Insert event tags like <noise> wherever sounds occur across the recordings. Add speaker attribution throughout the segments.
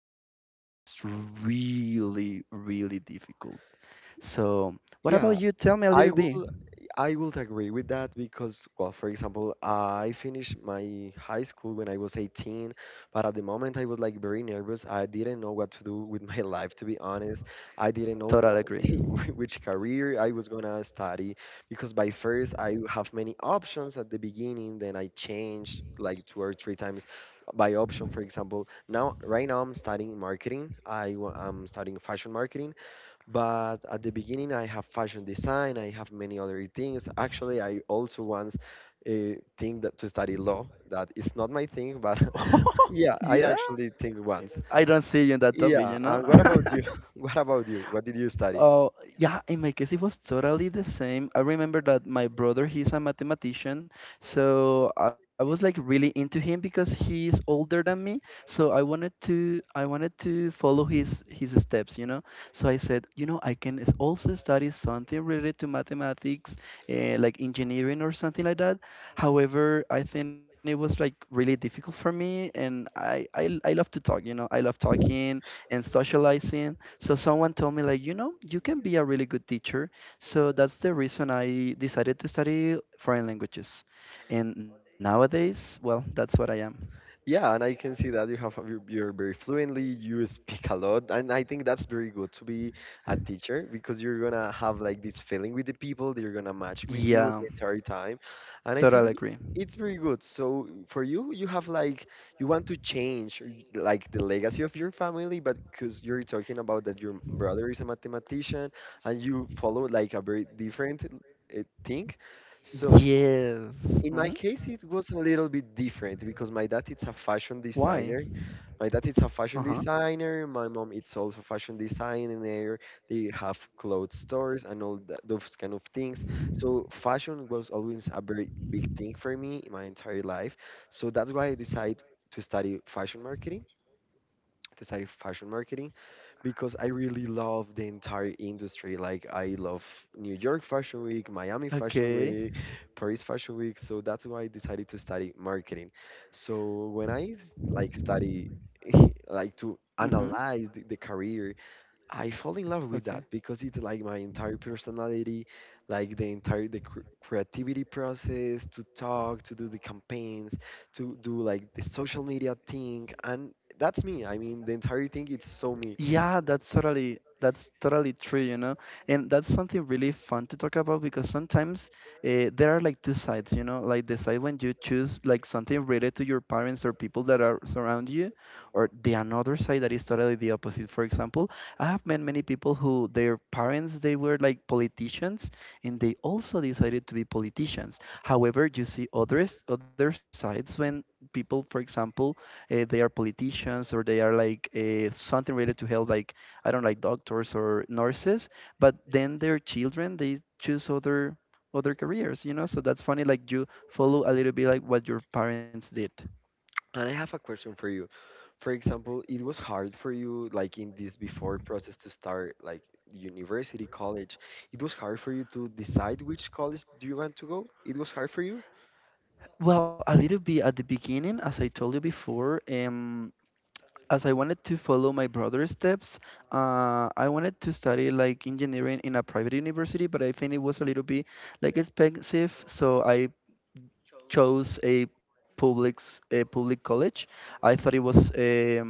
Speaker 1: when you're a teenager is really, really difficult. So, what about
Speaker 2: Yeah,
Speaker 1: you? Tell me a little
Speaker 2: I
Speaker 1: bit.
Speaker 2: will I would agree with that because, well, for example, I finished my high school when I was 18, but at the moment I was like very nervous. I didn't know what to do with my <laughs> life, to be honest. I didn't
Speaker 1: Totally
Speaker 2: know
Speaker 1: agree.
Speaker 2: <laughs> which career I was gonna study because by first I have many options at the beginning, then I changed like two or three times by option. For example, now right now I'm studying marketing. I'm studying fashion marketing, but at the beginning, I have fashion design, I have many other things. Actually, I also once think that to study law. That is not my thing, but <laughs>
Speaker 1: <laughs>
Speaker 2: yeah,
Speaker 1: Yeah?
Speaker 2: I actually think
Speaker 1: I
Speaker 2: once.
Speaker 1: don't see you in that topic, you
Speaker 2: Yeah,
Speaker 1: know?
Speaker 2: and what about
Speaker 1: <laughs>
Speaker 2: you? <laughs> What about you? What did you study?
Speaker 1: Oh, yeah, in my case, it was totally the same. I remember that my brother, he's a mathematician, so I was like really into him because he's older than me. So I wanted to follow his steps. So I said, you know, I can also study something related to mathematics, like engineering or something like that. However, I think it was like really difficult for me, and I love to talk. I love talking and socializing. So someone told me like, you know, you can be a really good teacher. So that's the reason I decided to study foreign languages. And nowadays, well, that's what I am.
Speaker 2: Yeah, and I can see that you're very fluently, you speak a lot, and I think that's very good to be a teacher because you're gonna have like this feeling with the people, they're gonna match with
Speaker 1: Yeah,
Speaker 2: you the entire time, and I
Speaker 1: totally
Speaker 2: think
Speaker 1: agree.
Speaker 2: it's very good. So for you, you have like you want to change like the legacy of your family, but because you're talking about that your brother is a mathematician and you follow like a very different thing, so
Speaker 1: Yes. Hmm.
Speaker 2: in my case it was a little bit different because
Speaker 1: Why?
Speaker 2: my
Speaker 1: Uh
Speaker 2: dad is
Speaker 1: huh.
Speaker 2: a fashion designer, my mom is also fashion designer. They have clothes stores and all that, those kind of things. So fashion was always a very big thing for me in my entire life. So that's why I decided to study fashion marketing to study fashion marketing because I really love the entire industry. Like I love New York Fashion Week, Miami
Speaker 1: Okay.
Speaker 2: Fashion Week, Paris Fashion Week. So that's why I decided to study marketing. So when like study <laughs> like
Speaker 1: Mm-hmm.
Speaker 2: to analyze the career I fall
Speaker 1: Okay.
Speaker 2: in love with that because it's like my entire personality, like the entire the creativity process to talk, to do the campaigns, to do like the social media thing, and that's me. I mean, the entire thing it's
Speaker 1: Yeah,
Speaker 2: so
Speaker 1: that's
Speaker 2: me.
Speaker 1: totally that's totally true, you know, and that's something really fun to talk about because sometimes there are like two sides, you know, like the side when you choose like something related to your parents or people that are surround you, or the another side that is totally the opposite. For example, I have met many people who their parents they were like politicians and they also decided to be politicians. However, you see other sides when people, for example, they are politicians or they are like something related to health, like I don't know, like doctors or nurses. But then their children they choose other careers, you know. So that's funny. Like you follow a little bit like what your parents did.
Speaker 2: And I have a question for you. For example, it was hard for you, like in this before process to start, like university, college. It was hard for you to decide which college do you want to go. It was hard for you.
Speaker 1: Well, a little bit at the beginning, as I told you before, as I wanted to follow my brother's steps, I wanted to study like engineering in a private university, but I think it was a little bit like expensive, so I chose public a public college. I thought it was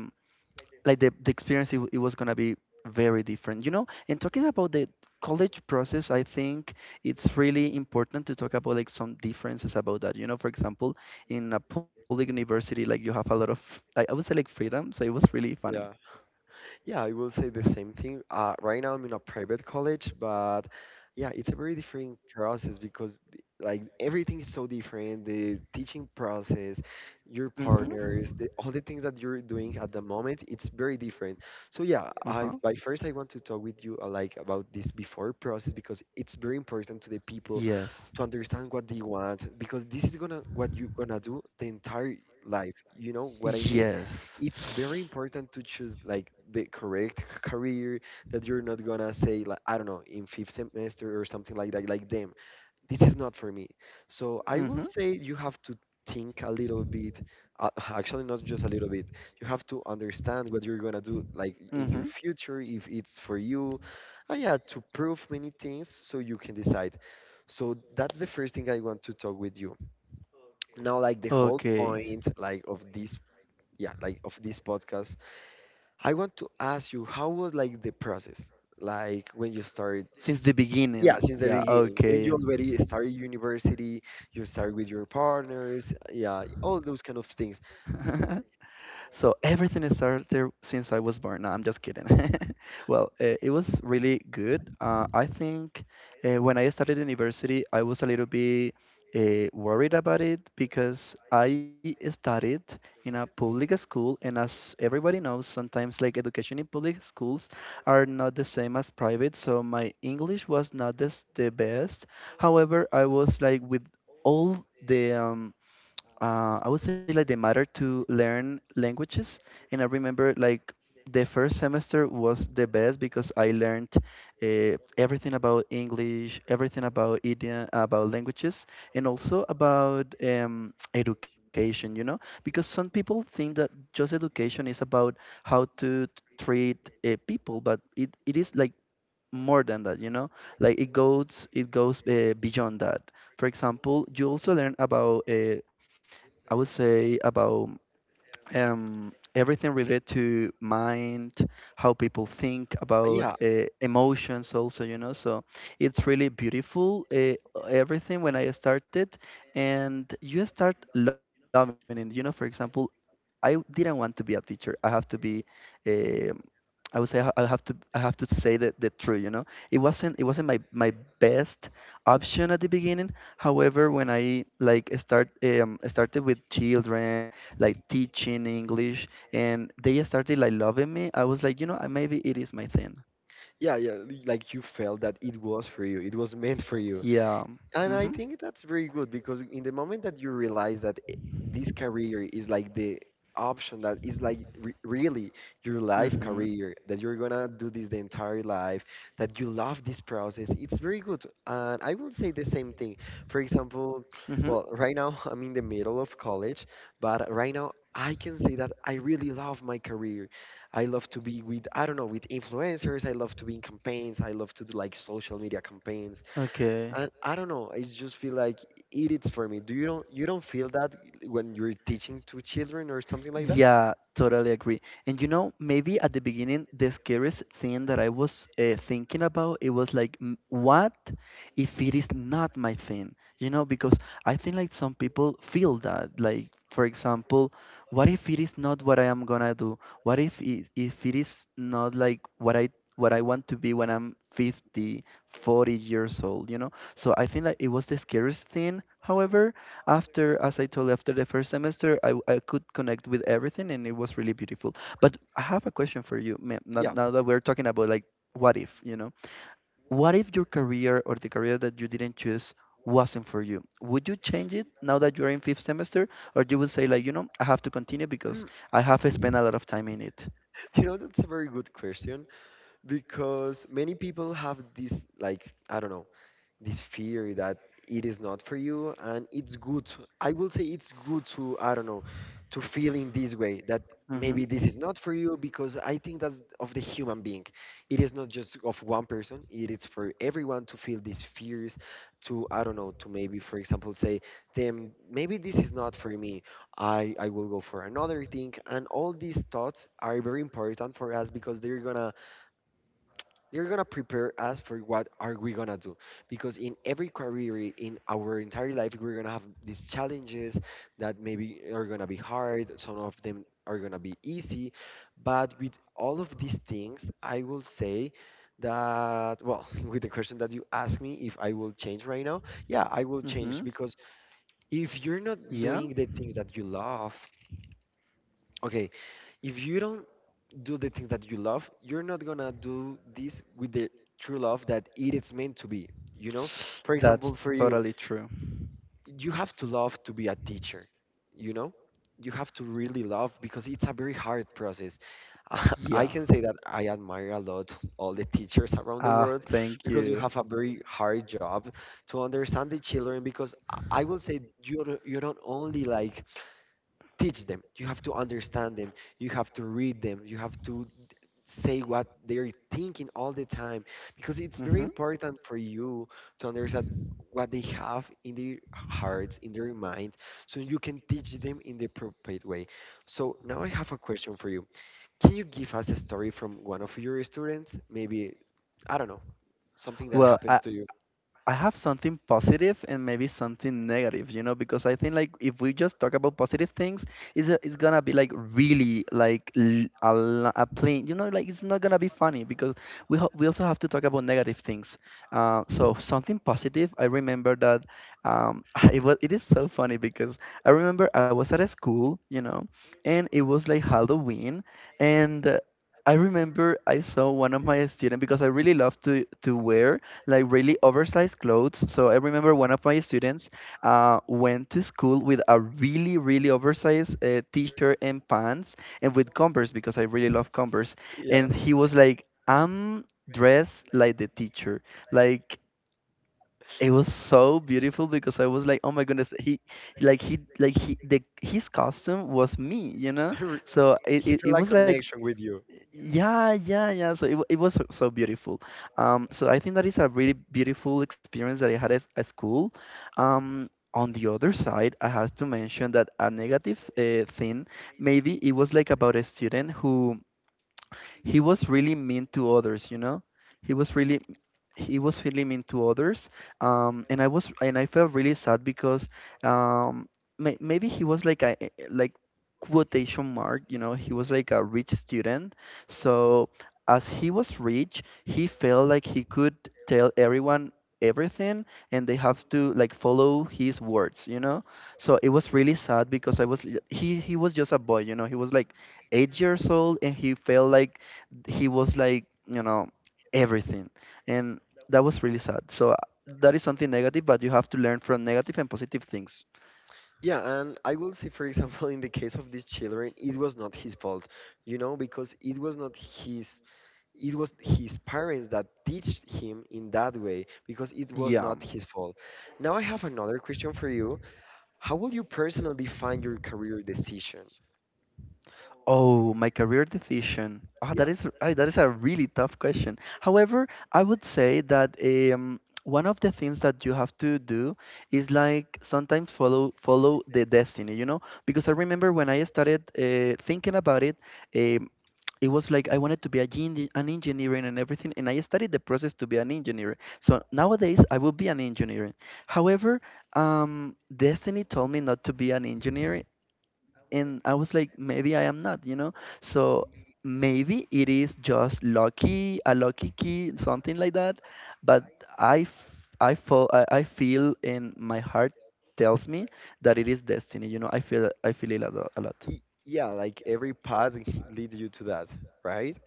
Speaker 1: like the experience it was gonna be very different, you know. And talking about the college process, I think it's really important to talk about like some differences about that. You know, for example, in a public university, like you have a lot of I would say like freedom, so it was really funny.
Speaker 2: Yeah. Yeah, I will say the same thing. Right now I'm in a private college, but yeah, it's a very different process because like everything is so different. The teaching process, your
Speaker 1: Mm-hmm.
Speaker 2: partners, all the things that you're doing at the moment, it's very different. So yeah,
Speaker 1: Uh huh.
Speaker 2: I by first I want to talk with you like about this before process because it's very important to the people
Speaker 1: Yes.
Speaker 2: to understand what they want because this is gonna what you're gonna do the entire life. You know what I
Speaker 1: Yes.
Speaker 2: mean? It's very important to choose like the correct <laughs> career that you're not gonna say like I don't know in fifth semester or something like that like damn, this is not for me. So I
Speaker 1: Mm-hmm.
Speaker 2: will say you have to think a little bit, <laughs> actually not just a little bit. You have to understand what you're gonna do like
Speaker 1: Mm-hmm.
Speaker 2: in your future if it's for you. Yeah, to prove many things so you can decide. So that's the first thing I want to talk with you now,
Speaker 1: Okay.
Speaker 2: like the whole point like of this, yeah, like of this podcast. I want to ask you how was like the process like when you started,
Speaker 1: Since the beginning.
Speaker 2: yeah,
Speaker 1: Yeah,
Speaker 2: since the beginning,
Speaker 1: okay.
Speaker 2: when you already started university, you started with your partners, yeah, all those kind of
Speaker 1: <laughs>
Speaker 2: things.
Speaker 1: So everything is started since I was born. No, I'm just kidding. <laughs> Well, it was really good. I think when I started university, I was a little bit worried about it because I studied in a public school, and as everybody knows, sometimes like education in public schools are not the same as private. So my English was not the best. However, I was like with all the I would say like the matter to learn languages. And I remember like the first semester was the best because I learned everything about English, everything about idiom, about languages, and also about education, you know, because some people think that just education is about how to treat people, but it is like more than that, you know, like it goes beyond that. For example, you also learn about I would say about everything related to mind, how people think about
Speaker 2: yeah
Speaker 1: emotions, also, you know. So it's really beautiful, everything when I started, and you start loving it. You know, for example, I didn't want to be a teacher. I have to be. Uh, I would say I have to say that the true, you know. It wasn't my best option at the beginning. However, when I started with children, like teaching English, and they started like loving me, I was like, you know, maybe it is my thing.
Speaker 2: yeah, like you felt that it was for you, it was meant for you.
Speaker 1: Yeah.
Speaker 2: And
Speaker 1: Mhm.
Speaker 2: I think that's very good because in the moment that you realize that this career is like the option that is like re really your life
Speaker 1: Mhm.
Speaker 2: career, that you're gonna do this the entire life, that you love this process, it's very good. And I will say the same thing. For example,
Speaker 1: Mhm.
Speaker 2: well, right now <laughs> I'm in the middle of college, but right now I can say that I really love my career. I love to be with, I don't know, with influencers. I love to be in campaigns. I love to do like social media campaigns.
Speaker 1: Okay.
Speaker 2: And I don't know, it's just feel like it is for me. Do you don't feel that when you're teaching to children or something like that?
Speaker 1: Yeah, totally agree. And you know, maybe at the beginning, the scariest thing that I was thinking about, it was like, "Mm, what if it is not my thing? You know, because I think like some people feel that. Like, for example, what if it is not what I am gonna do? What if if it is not like what I want to be when I'm 50, 40 years old, you know? So I think like it was the scariest thing. However, after as I told you after the first semester I could connect with everything and it was really beautiful. But I have a question for you ma'am,
Speaker 2: Yeah.
Speaker 1: now that we're talking about like what if you know what if your career or the career that you didn't choose wasn't for you would you change it now that you're in fifth semester or you would say like you know I have to continue because
Speaker 2: Mm,
Speaker 1: I have spent a lot of time in it.
Speaker 2: <laughs> you know, that's a very good question. Because many people have this, like, I don't know, this fear that it is not for you. And it's good to- I will say it's good to, I don't know, to feel in this way that
Speaker 1: Hmm.
Speaker 2: maybe this is not for you, because I think that's of the human being. It is not just of one person, it is for everyone to feel these fears, to, I don't know, to maybe for example say them maybe this is not for me. I will go for another thing, and all these thoughts are very important for us because they're gonna prepare us for what are we gonna do. Because in every career in our entire life we're gonna have these challenges that maybe are gonna be hard, some of them are gonna be easy. But with all of these things I will say that, well, <laughs> with the question that you asked me, if I will change right now, yeah, I will
Speaker 1: Mm-hmm.
Speaker 2: change. Because if you're not
Speaker 1: Yeah,
Speaker 2: doing the things that you love, okay, if you don't do the things that you love, you're not gonna do this with the true love that it is meant to be. You know, for
Speaker 1: that's
Speaker 2: example, for
Speaker 1: totally
Speaker 2: you,
Speaker 1: true.
Speaker 2: you have to love to be a teacher. You know, you have to really love because it's a very hard process. <laughs>
Speaker 1: Yeah.
Speaker 2: I can say that I admire a lot all the teachers around the
Speaker 1: Ah,
Speaker 2: world
Speaker 1: thank
Speaker 2: because
Speaker 1: you.
Speaker 2: you have a very hard job to understand the children. Because I will say you don't only like teach them, you have to understand them, you have to read them, you have to say what they're thinking all the time because it's
Speaker 1: Mm-hmm.
Speaker 2: very important for you to understand what they have in their hearts, in their mind, so you can teach them in the appropriate way. So now I have a question for you. Can you give us a story from one of your students? Maybe, I don't know, something that
Speaker 1: Well,
Speaker 2: happens to you.
Speaker 1: I have something positive and maybe something negative, you know, because I think like if we just talk about positive things, it's gonna be like really like a plain, you know, like it's not gonna be funny because we also have to talk about negative things. So something positive, I remember that um, <laughs> it is so funny because I remember I was at a school, you know, and it was like Halloween, and I remember I saw one of my students because I really love to wear like really oversized clothes. So I remember one of my students went to school with a really, really oversized t-shirt and pants and with Converse because I really love Converse. And
Speaker 2: Yeah.
Speaker 1: he was like, I'm dressed like the teacher. Like it was so beautiful because I was like, oh my goodness, he like he like he the his costume was me, you know.
Speaker 2: <laughs> Re-
Speaker 1: So
Speaker 2: He
Speaker 1: it
Speaker 2: feel
Speaker 1: was
Speaker 2: like
Speaker 1: like
Speaker 2: connection with you.
Speaker 1: yeah, yeah, yeah. So it was so so beautiful. So I think that is a really beautiful experience that I had at school. Um, on the other side, I have to mention that a negative thing, maybe it was like about a student who he was really mean to others, you know? He was really he was really mean to others. And I was and I felt really sad because um, maybe he was like a like quotation mark, you know, he was like a rich student. So as he was rich, he felt like he could tell everyone everything and they have to like follow his words, you know? So it was really sad because I was he was just a boy, you know, he was like 8 years old and he felt like he was like you know everything, and that was really sad. So that is something negative, but you have to learn from negative and positive things.
Speaker 2: Yeah, and I will say, for example, in the case of these children, it was not his fault, you know, because it was not his it was his parents that teach him in that way, because it was
Speaker 1: Yeah.
Speaker 2: not his fault. Now I have another question for you. How will you personally find your career decision?
Speaker 1: Oh, my career decision. Ah, that
Speaker 2: Yeah,
Speaker 1: is a really tough question. However I would say that one of the things that you have to do is like sometimes follow the destiny you know because I remember when I started thinking about it, uh, it was like I wanted to be a an engineer and everything, and I studied the process to be an engineer. So nowadays, I will be an engineer. However, destiny told me not to be an engineer, and I was like, maybe I am not, you know. So maybe it is just lucky, a lucky key, something like that. But I, f- I, fo- I feel, and my heart tells me that it is destiny. You know, I feel it a lot. A lot.
Speaker 2: yeah, like every path <laughs> leads you to that, right?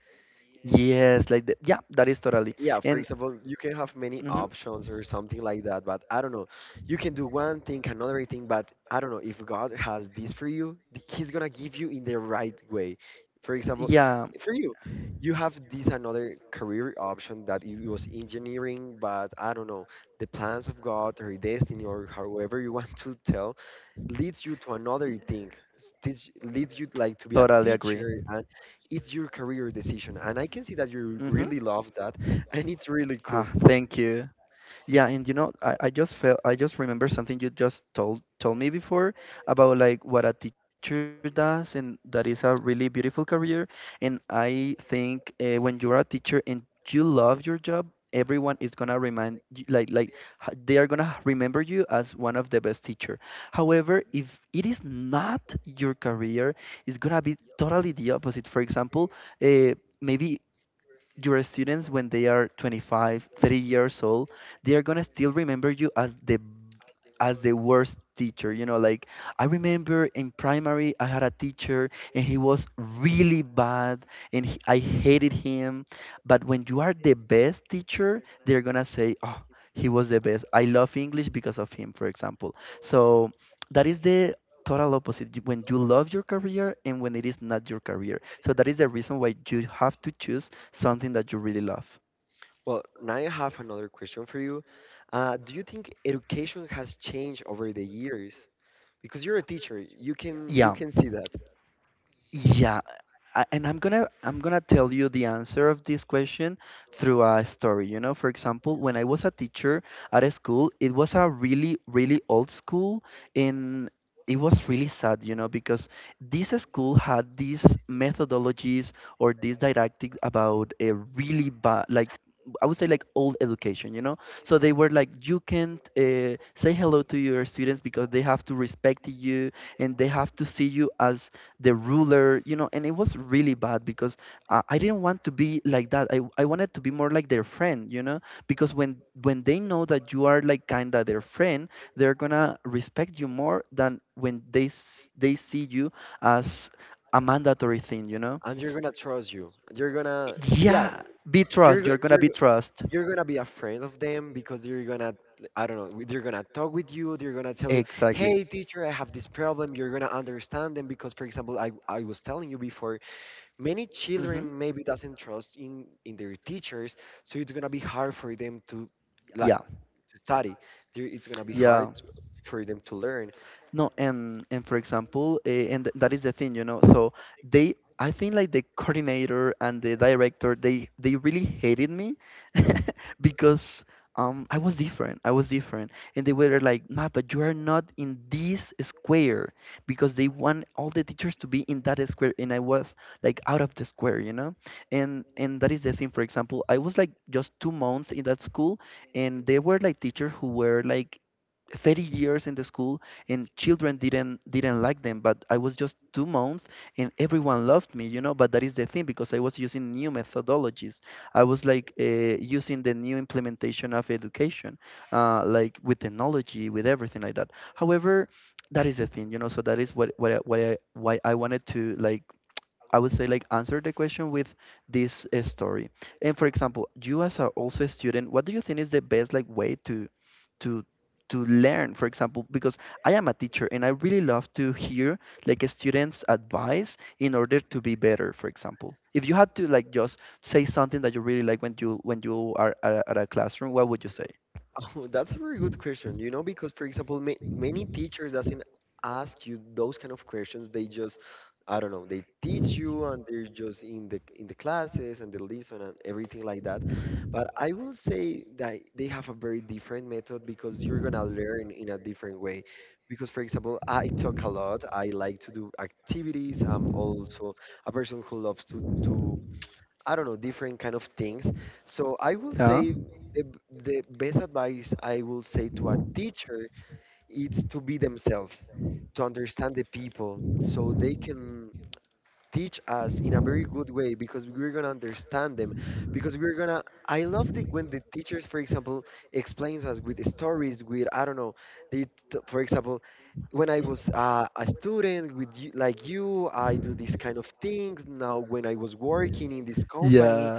Speaker 1: Yes, like yeah, that is totally.
Speaker 2: Yeah, for
Speaker 1: And
Speaker 2: example, you can have many
Speaker 1: mhm.
Speaker 2: options or something like that, but I don't know. You can do one thing, another thing, but I don't know, if God has this for you, he's gonna give you in the right way. For example,
Speaker 1: Yeah,
Speaker 2: for you, you have this another career option that it was engineering, but I don't know, the plans of God or destiny or however you want to tell leads you to
Speaker 1: y-
Speaker 2: another thing. Teach, leads you
Speaker 1: totally
Speaker 2: like to
Speaker 1: agree.
Speaker 2: be a teacher. And it's your career decision, and I can see that
Speaker 1: Mhm.
Speaker 2: you really love that, and it's
Speaker 1: Ah,
Speaker 2: really cool.
Speaker 1: thank you. Yeah, and you know, I just remember something you just told me before about like what a teacher does, and that is a really beautiful career. And I think when you're a teacher and you love your job, everyone is gonna remind you, like they are gonna remember you as one of the best teacher. However, if it is not your career, it's gonna be totally the opposite. For example, uh, maybe your students, when they are 25 30 years old, they are gonna still remember you as the worst teacher, you know. Like, I remember in primary I had a teacher and he was really bad, I hated him. But when you are the best teacher, they're gonna say, oh, he was the best, I love English because of him, for example. So that is the total opposite. When you love your career and when it is not your career, so that is the reason why you have to choose something that you really love.
Speaker 2: Well, now I have another question for you. Do you think education has changed over the years? Because you're a teacher,
Speaker 1: Yeah,
Speaker 2: you can see that.
Speaker 1: yeah, and I'm gonna tell you the answer of this question through a story. You know, for example, when I was a teacher at a school, it was a really really old school, and it was really sad, you know, because this school had these methodologies or these didactics about a really bad, like. I would say, like, old education, you know. So they were like, you can't say hello to your students because they have to respect you and they have to see you as the ruler, you know, and it was really bad because I didn't want to be like that. I wanted to be more like their friend, you know, because when they know that you are like kinda their friend, they're gonna respect you more than when they see you as a mandatory thing, you know.
Speaker 2: And you're gonna trust you, you're gonna, yeah,
Speaker 1: Yeah, be trust.
Speaker 2: you're
Speaker 1: You're
Speaker 2: go-
Speaker 1: gonna be
Speaker 2: you're
Speaker 1: trust.
Speaker 2: you're gonna be afraid of them, because you're gonna, I don't know, they're gonna talk with you, they're gonna tell you,
Speaker 1: Exactly.
Speaker 2: hey teacher, I have this problem. You're gonna understand them, because for example, I was telling you before, many
Speaker 1: Hmm.
Speaker 2: children maybe doesn't trust in their teachers, so it's gonna be hard for them to,
Speaker 1: Yeah.
Speaker 2: like, to study. They, it's gonna be
Speaker 1: Yeah.
Speaker 2: hard to, for them to learn.
Speaker 1: No, and for example, that is the thing, you know. So I think like the coordinator and the director, they really hated me <laughs> because I was different. I was different, and they were like, "Nah, but you are not in this square," because they want all the teachers to be in that square, and I was like out of the square, you know. And that is the thing. For example, I was like just 2 months in that school, and there were like teachers who were like 30 years in the school, and children didn't like them, but I was just 2 months and everyone loved me, you know. But that is the thing, because I was using new methodologies. I was like using the new implementation of education, like with technology, with everything like that. However, that is the thing, you know. So that is why I wanted to, like, I would say, like, answer the question with this story. And for example, you, as a, also a student, what do you think is the best, like, way to to learn? For example, because I am a teacher and I really love to hear, like, a student's advice in order to be better. For example, if you had to, like, just say something that you really like when you are at at a classroom, what would you say?
Speaker 2: <laughs> Oh, that's a very good question. You know, because for example, ma many teachers doesn't ask you those kind of questions. They just, I don't know, they teach you, and they're just in the classes, and they listen and everything like that. But I will say that they have a very different method, because you're gonna learn in a different way. Because for example, I talk a lot. I like to do activities. I'm also a person who loves to do, I don't know, different kind of things. So I will
Speaker 1: Yeah.
Speaker 2: say the best advice I will say to a teacher is to be themselves, to understand the people, so they can teach us in a very good way, because we're gonna understand them. Because I love the, when the teachers, for example, explains us with stories, with, I don't know, they, for example, when I was a student with you, like you, I do these kind of things. Now, when I was working in this
Speaker 1: Yeah.
Speaker 2: company,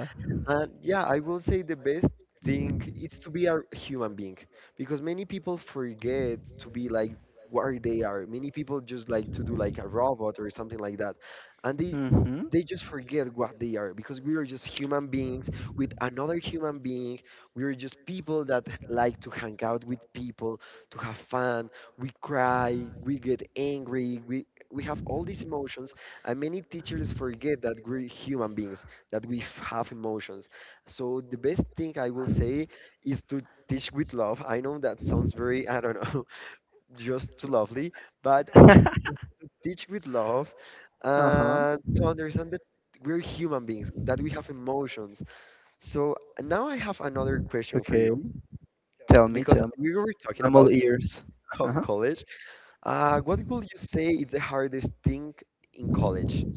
Speaker 2: and yeah, I will say the best thing is to be a human being, because many people forget to be like where they are. Many people just like to do like a robot or something like that, and they
Speaker 1: Mm-hmm.
Speaker 2: they just forget what they are, because we are just human beings with another human being. We are just people that like to hang out with people, to have fun. We cry, we get angry, we have all these emotions, and many teachers forget that we're human beings, have emotions. So the best thing I will say is to teach with love. I know that sounds very, I don't know, <laughs> just too lovely, but <laughs>
Speaker 1: <laughs>
Speaker 2: to teach with love,
Speaker 1: Uh-huh.
Speaker 2: and to understand that we're human beings, that we have emotions. So now I have another question for
Speaker 1: Okay.
Speaker 2: you,
Speaker 1: Tell me,
Speaker 2: because
Speaker 1: tell me.
Speaker 2: we were talking
Speaker 1: I'm all
Speaker 2: about
Speaker 1: ears.
Speaker 2: co
Speaker 1: Uh-huh.
Speaker 2: college. What will you say is the hardest thing in college?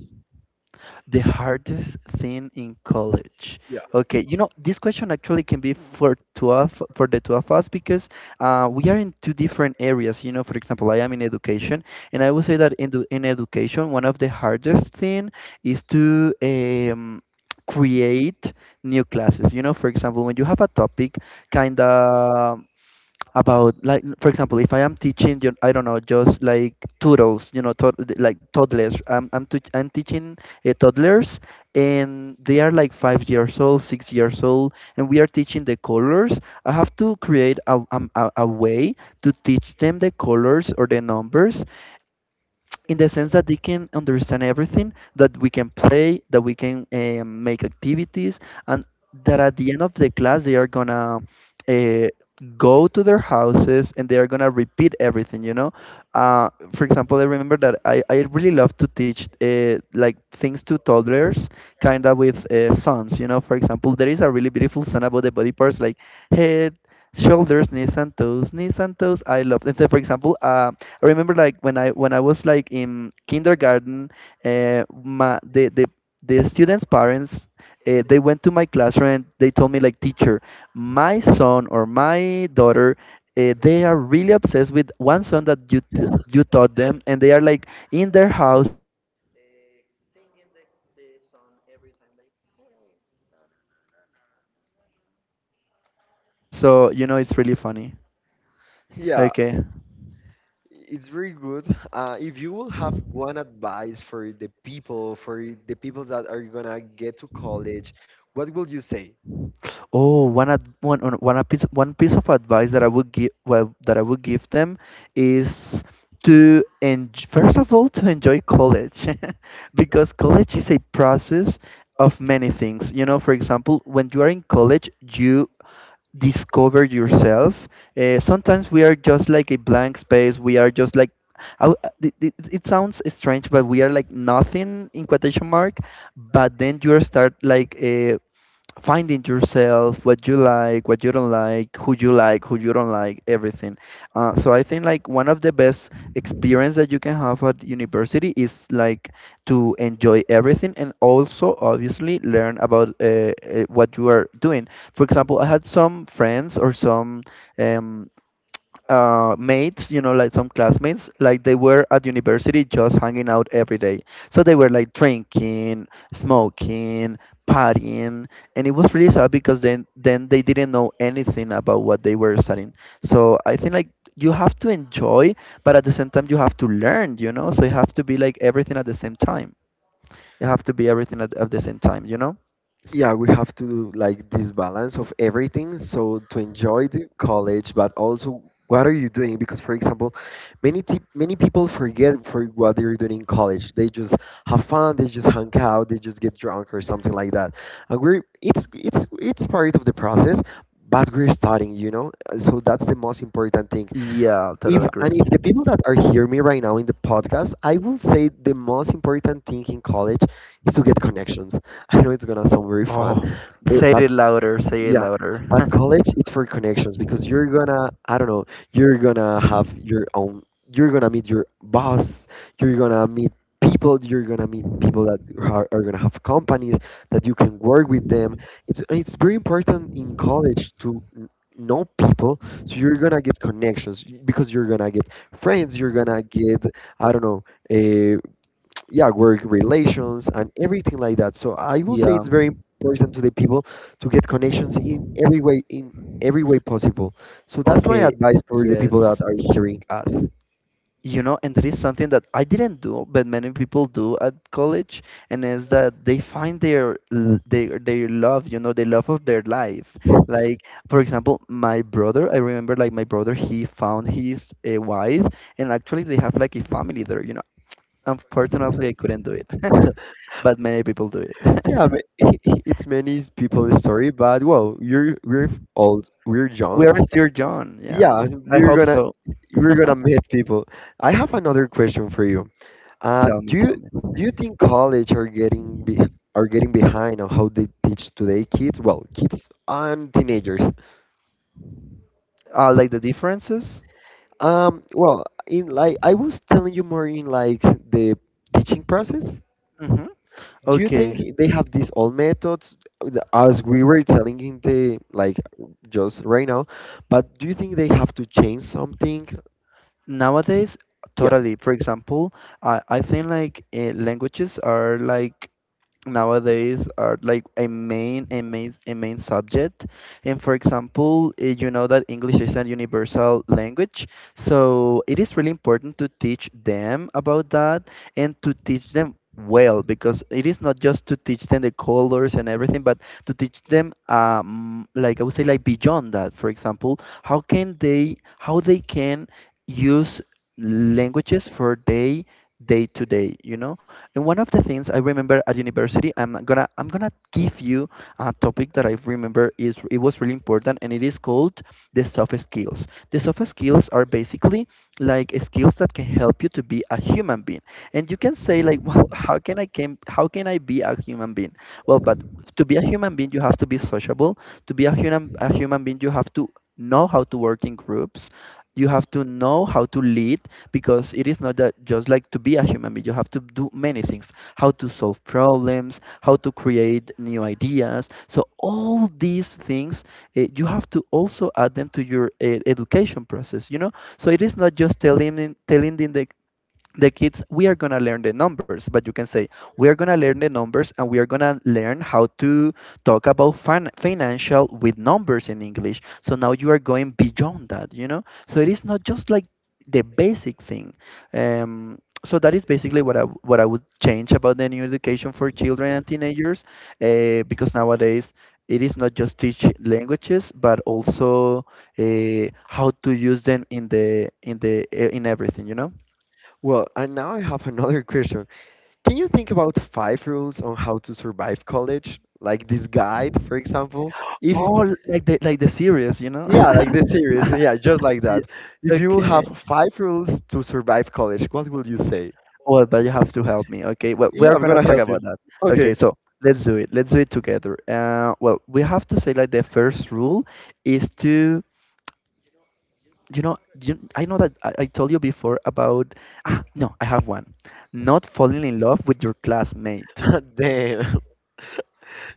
Speaker 1: The hardest thing in college.
Speaker 2: Yeah.
Speaker 1: Okay, you know, this question actually can be for two of for the two of us because we are in two different areas. You know, for example, I am in education, and I would say that in in education, one of the hardest thing is to create new classes. You know, for example, when you have a topic, kind of about, like, for example, if I am teaching you, I don't know, just like toodles, you know, like toddlers, I'm teaching toddlers, and they are like 5 years old 6 years old, and we are teaching the colors. I have to create a way to teach them the colors or the numbers in the sense that they can understand everything, that we can play, that we can make activities, and that at the end of the class they are gonna uh, go to their houses and they are gonna repeat everything. You know, uh, for example, I remember that I really love to teach like things to toddlers, kind of with sons. You know, for example, there is a really beautiful song about the body parts, like head, shoulders, knees and toes, knees and toes. I love. And so, for example, I remember, like, when I was like in kindergarten, my the students' parents, they went to my classroom and they told me, like, teacher, my son or my daughter. They are really obsessed with one song that you you taught them, and they are like in their houses singing the song every time, like, hey, na na na na, na na na. So, you know, it's really funny.
Speaker 2: Yeah.
Speaker 1: Okay.
Speaker 2: It's very good. If you will have one advice for the people that are gonna get to college, what will you say?
Speaker 1: Oh, one ad one on- one a piece one piece of advice that I would give well that I would give them is to and first of all to enjoy college <laughs> because college is a process of many things. You know, for example, when you are in college, you discover yourself. Sometimes we are just like a blank space. We are just like I w- it sounds strange, but we are like nothing in quotation mark. But then you start, like, finding yourself, what you like, what you don't like, who you don't like, everything. So I think, like, one of the best experience that you can have at university is, like, to enjoy everything and also obviously learn about what you are doing. For example, I had some friends or some um, mates, you know, like some classmates, like they were at university just hanging out every day. So they were like drinking, smoking, partying, and it was really sad because then they didn't know anything about what they were studying. So I think, like, you have to enjoy, but at the same time you have to learn, you know. So you have to be like everything at the same time. You have to be everything at the same time, you know.
Speaker 2: Yeah, we have to do like this balance of everything, so to enjoy the college, but also what are you doing? Because for example, many people forget for what they're doing in college. They just have fun, they just hang out, they just get drunk or something like that. And we're, it's part of the process, but we're studying, you know. So that's the most important thing.
Speaker 1: Yeah,
Speaker 2: If,
Speaker 1: totally agree.
Speaker 2: and if the people that are hearing me right now in the podcast, I will say the most important thing in college is to get connections. <laughs> I know it's gonna sound very fun,
Speaker 1: Oh, say
Speaker 2: but
Speaker 1: it louder, say it
Speaker 2: yeah, but
Speaker 1: louder.
Speaker 2: college, it's for connections, because you're gonna, I don't know, you're gonna have your own, you're gonna meet your boss, you're gonna meet people, you're gonna meet people that are gonna have companies that you can work with them. It's very important in college to know people, so you're gonna get connections, because you're gonna get friends, you're gonna get, I don't know, eh, yeah, work relations and everything like that. So I will say
Speaker 1: <laughs> Yeah.
Speaker 2: it's very important to the people to get connections in every way, in every way possible. So that's my
Speaker 1: Okay,
Speaker 2: advice for the people
Speaker 1: yes.
Speaker 2: that are hearing us.
Speaker 1: You know, and there is something that I didn't do, but many people do at college, and is that they find their love, you know, the love of their life.
Speaker 2: <laughs>
Speaker 1: Like, for example, my brother, I remember, like, my brother, he found his a wife, and actually they have like a family there, you know. Unfortunately, I couldn't do it, <laughs> but many people do it. <laughs>
Speaker 2: Yeah, but <laughs> it's many people's story, but well, you're we're old, we're
Speaker 1: We
Speaker 2: young.
Speaker 1: are still young, yeah.
Speaker 2: Yeah,
Speaker 1: I hope so.
Speaker 2: we're gonna meet people. I have another question for you.
Speaker 1: Tell
Speaker 2: Do
Speaker 1: me,
Speaker 2: you,
Speaker 1: tell me.
Speaker 2: do you think college are getting are getting behind on how they teach today kids? Well, kids and teenagers.
Speaker 1: Like the differences?
Speaker 2: Well, in like I was telling you more in like the teaching process.
Speaker 1: Mm-hmm.
Speaker 2: Do you
Speaker 1: Okay.
Speaker 2: think they have these old methods, as we were telling in the like just right now? But do you think they have to change something?
Speaker 1: Nowadays,
Speaker 2: Yeah.
Speaker 1: totally. For example, I think, like, languages are like nowadays are like a main subject, and for example, you know that English is a universal language, so it is really important to teach them about that and to teach them well, because it is not just to teach them the colors and everything, but to teach them, like I would say, like beyond that. For example, how they can use languages for day, day to day, you know. And one of the things I remember at university, I'm gonna give you a topic that I remember is it was really important, and it is called the soft skills. The soft skills are basically like skills that can help you to be a human being. And you can say, like, <laughs> well, how can I be a human being? Well, but to be a human being, you have to be sociable. To be a human being, you have to know how to work in groups. You have to know how to lead because it is not that just like to be a human being you have to do many things, how to solve problems, how to create new ideas, so all these things you have to also add them to your education process, you know. So it is not just telling them the kids we are going to learn the numbers, but you can say we are going to learn the numbers and we are going to learn how to talk about financial with numbers in English. So now you are going beyond that, you know. So it is not just like the basic thing. um, so that is basically what I would change about the new education for children and teenagers, because nowadays it is not just teach languages, but also how to use them in the in the in everything, you know.
Speaker 2: Well, and now I have another <laughs> question. Can you think about five rules on how to survive college? Like this guide, for example. If,
Speaker 1: Oh, like the series, you know?
Speaker 2: yeah, like the
Speaker 1: <laughs>
Speaker 2: series, yeah, just like
Speaker 1: Yeah.
Speaker 2: that. If you will
Speaker 1: Okay.
Speaker 2: have five rules to survive college, what will you say?
Speaker 1: Well, but you have to help me. Okay. Well,
Speaker 2: Yeah,
Speaker 1: we're
Speaker 2: I'm
Speaker 1: gonna
Speaker 2: gonna
Speaker 1: talk
Speaker 2: help
Speaker 1: about
Speaker 2: you.
Speaker 1: that. Okay.
Speaker 2: Okay.
Speaker 1: So let's do it. Let's do it together. Well, we have to say like the first rule is to, you know, you, I know that I told you before about. Ah, no, I have one. Not falling in love with your classmate.
Speaker 2: <laughs> Damn. <laughs>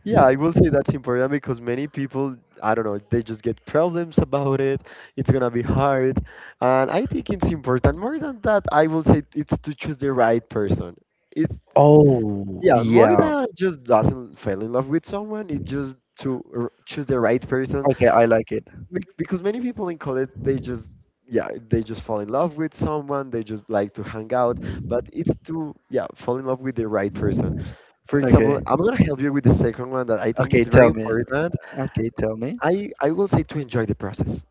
Speaker 2: Yeah, I will say that's important because many people, I don't know, they just get problems about it. It's gonna be hard. And I think it's important. More than that, I will say it's to choose the right person. It's,
Speaker 1: Oh,
Speaker 2: yeah, more
Speaker 1: yeah.
Speaker 2: than just doesn't fall in love with someone, it's just to choose the right person.
Speaker 1: Okay, I like it.
Speaker 2: Because many people in college, they just, yeah, they just fall in love with someone, they just like to hang out, but it's to, yeah, fall in love with the right person. For example,
Speaker 1: Okay.
Speaker 2: I'm gonna help you with the second one that I think
Speaker 1: Okay,
Speaker 2: it's very
Speaker 1: tell me.
Speaker 2: important.
Speaker 1: Okay, tell me.
Speaker 2: I will say to enjoy the process.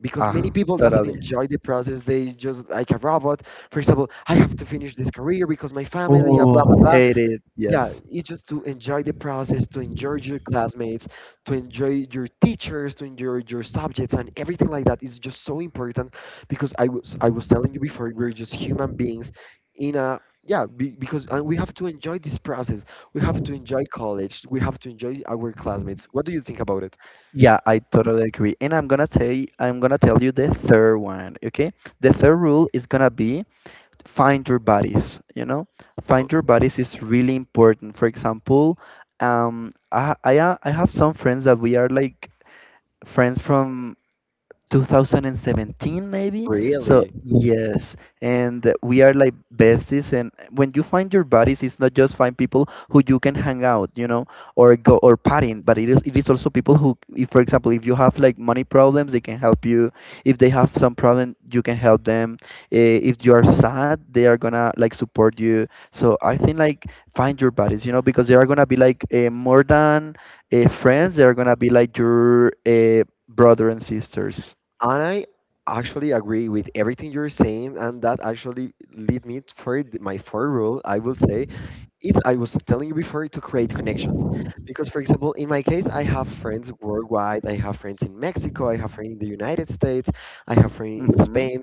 Speaker 2: Because many
Speaker 1: Ah,
Speaker 2: people doesn't
Speaker 1: totally.
Speaker 2: enjoy the process, they just like a robot. For example, I have to finish this career because my family, blah blah
Speaker 1: Oh,
Speaker 2: blah.
Speaker 1: hate it. Yes.
Speaker 2: Yeah, it's just to enjoy the process, to enjoy your classmates, to enjoy your teachers, to enjoy your subjects, and everything like that is just so important, because I was telling you before, we're just human beings in a, yeah, because, and we have to enjoy this process. We have to enjoy college. We have to enjoy our classmates. What do you think about it?
Speaker 1: Yeah, I totally agree. And I'm gonna tell you, I'm gonna tell you the third one, okay? The third rule is gonna be find your bodies, you know?
Speaker 2: Oh,
Speaker 1: Find your bodies is really important. For example, I have some friends that we are like friends from 2017 maybe, so
Speaker 2: really?
Speaker 1: yes, and we are like besties. And when you find your buddies, it's not just find people who you can hang out, you know, or go or partying, but it is also people who, if for example if you have like money problems, they can help you. If they have some problem, you can help them. Eh, if you are sad they are gonna like support you. So I think like find your buddies, you know, because they are gonna be like more than friends, they are gonna be like your brother and sisters.
Speaker 2: And I actually agree with everything you're saying, and that actually lead me for my fourth rule. I will say it's, I was telling you before, to create connections, because for example, in my case, I have friends worldwide. I have friends in Mexico, I have friends in the United States, I have friends in
Speaker 1: Mhm.
Speaker 2: Spain.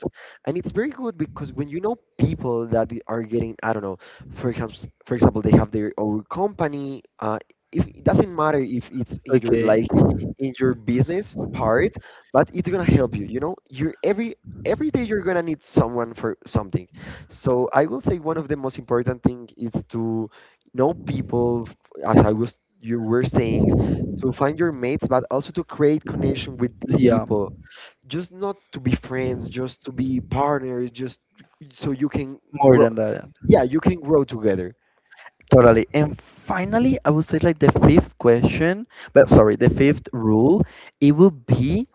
Speaker 2: And it's very good, because when you know people that they are getting, I don't know, for example for example they have their own company, if it doesn't matter if it's in your
Speaker 1: Okay,
Speaker 2: like in your business part, but it's gonna help you, you know. You're, every day you're gonna need someone for something. So I will say one of the most important thing is to know people, as I was you were saying, to find your mates, but also to create connection with these
Speaker 1: yeah,
Speaker 2: people. Just not to be friends, just to be partners, just so you can
Speaker 1: more
Speaker 2: grow.
Speaker 1: than that,
Speaker 2: Yeah, you can grow together.
Speaker 1: totally. And finally, I would say like the fifth question, but sorry, the fifth rule, it would be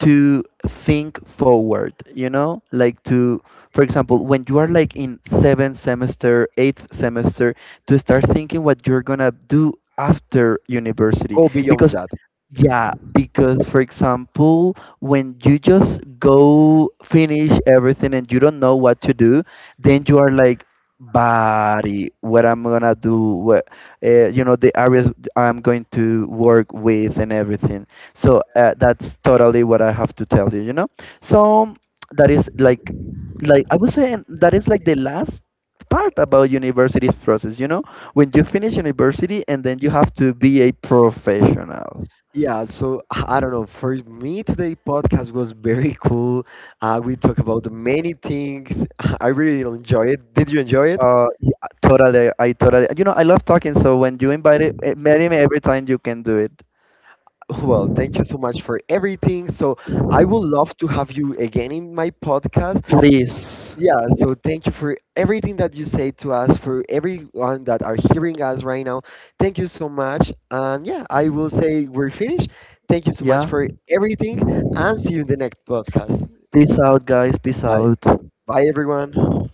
Speaker 1: to think forward, you know, like to, for example, when you are like in seventh semester, eighth semester, to start thinking what you're gonna do after university,
Speaker 2: Go beyond
Speaker 1: because
Speaker 2: that.
Speaker 1: yeah, because for example, when you just go finish everything and you don't know what to do, then you are like, body, what I'm gonna do, what, you know, the areas I'm going to work with and everything. So that's totally what I have to tell you, you know? So that is like I would say that is like the last part about university process, you know? When you finish university and then you have to be a professional.
Speaker 2: Yeah, so I don't know. For me, today podcast was very cool. We talk about many things. <laughs> I really enjoy it. Did you enjoy
Speaker 1: Yeah, totally. I totally. You know, I love talking. So when you invite it,
Speaker 2: it?
Speaker 1: eh, marry me every time you can do it.
Speaker 2: Well, thank you so much for everything. So I would love to have you again in my podcast.
Speaker 1: Please.
Speaker 2: Yeah, so thank you for everything that you say to us, for everyone that are hearing us right now. Thank you so much. And yeah, I will say we're finished. Thank you so much
Speaker 1: Yeah.
Speaker 2: for everything, and see you in the next podcast.
Speaker 1: Peace out, guys. Peace
Speaker 2: Bye.
Speaker 1: out.
Speaker 2: Bye everyone.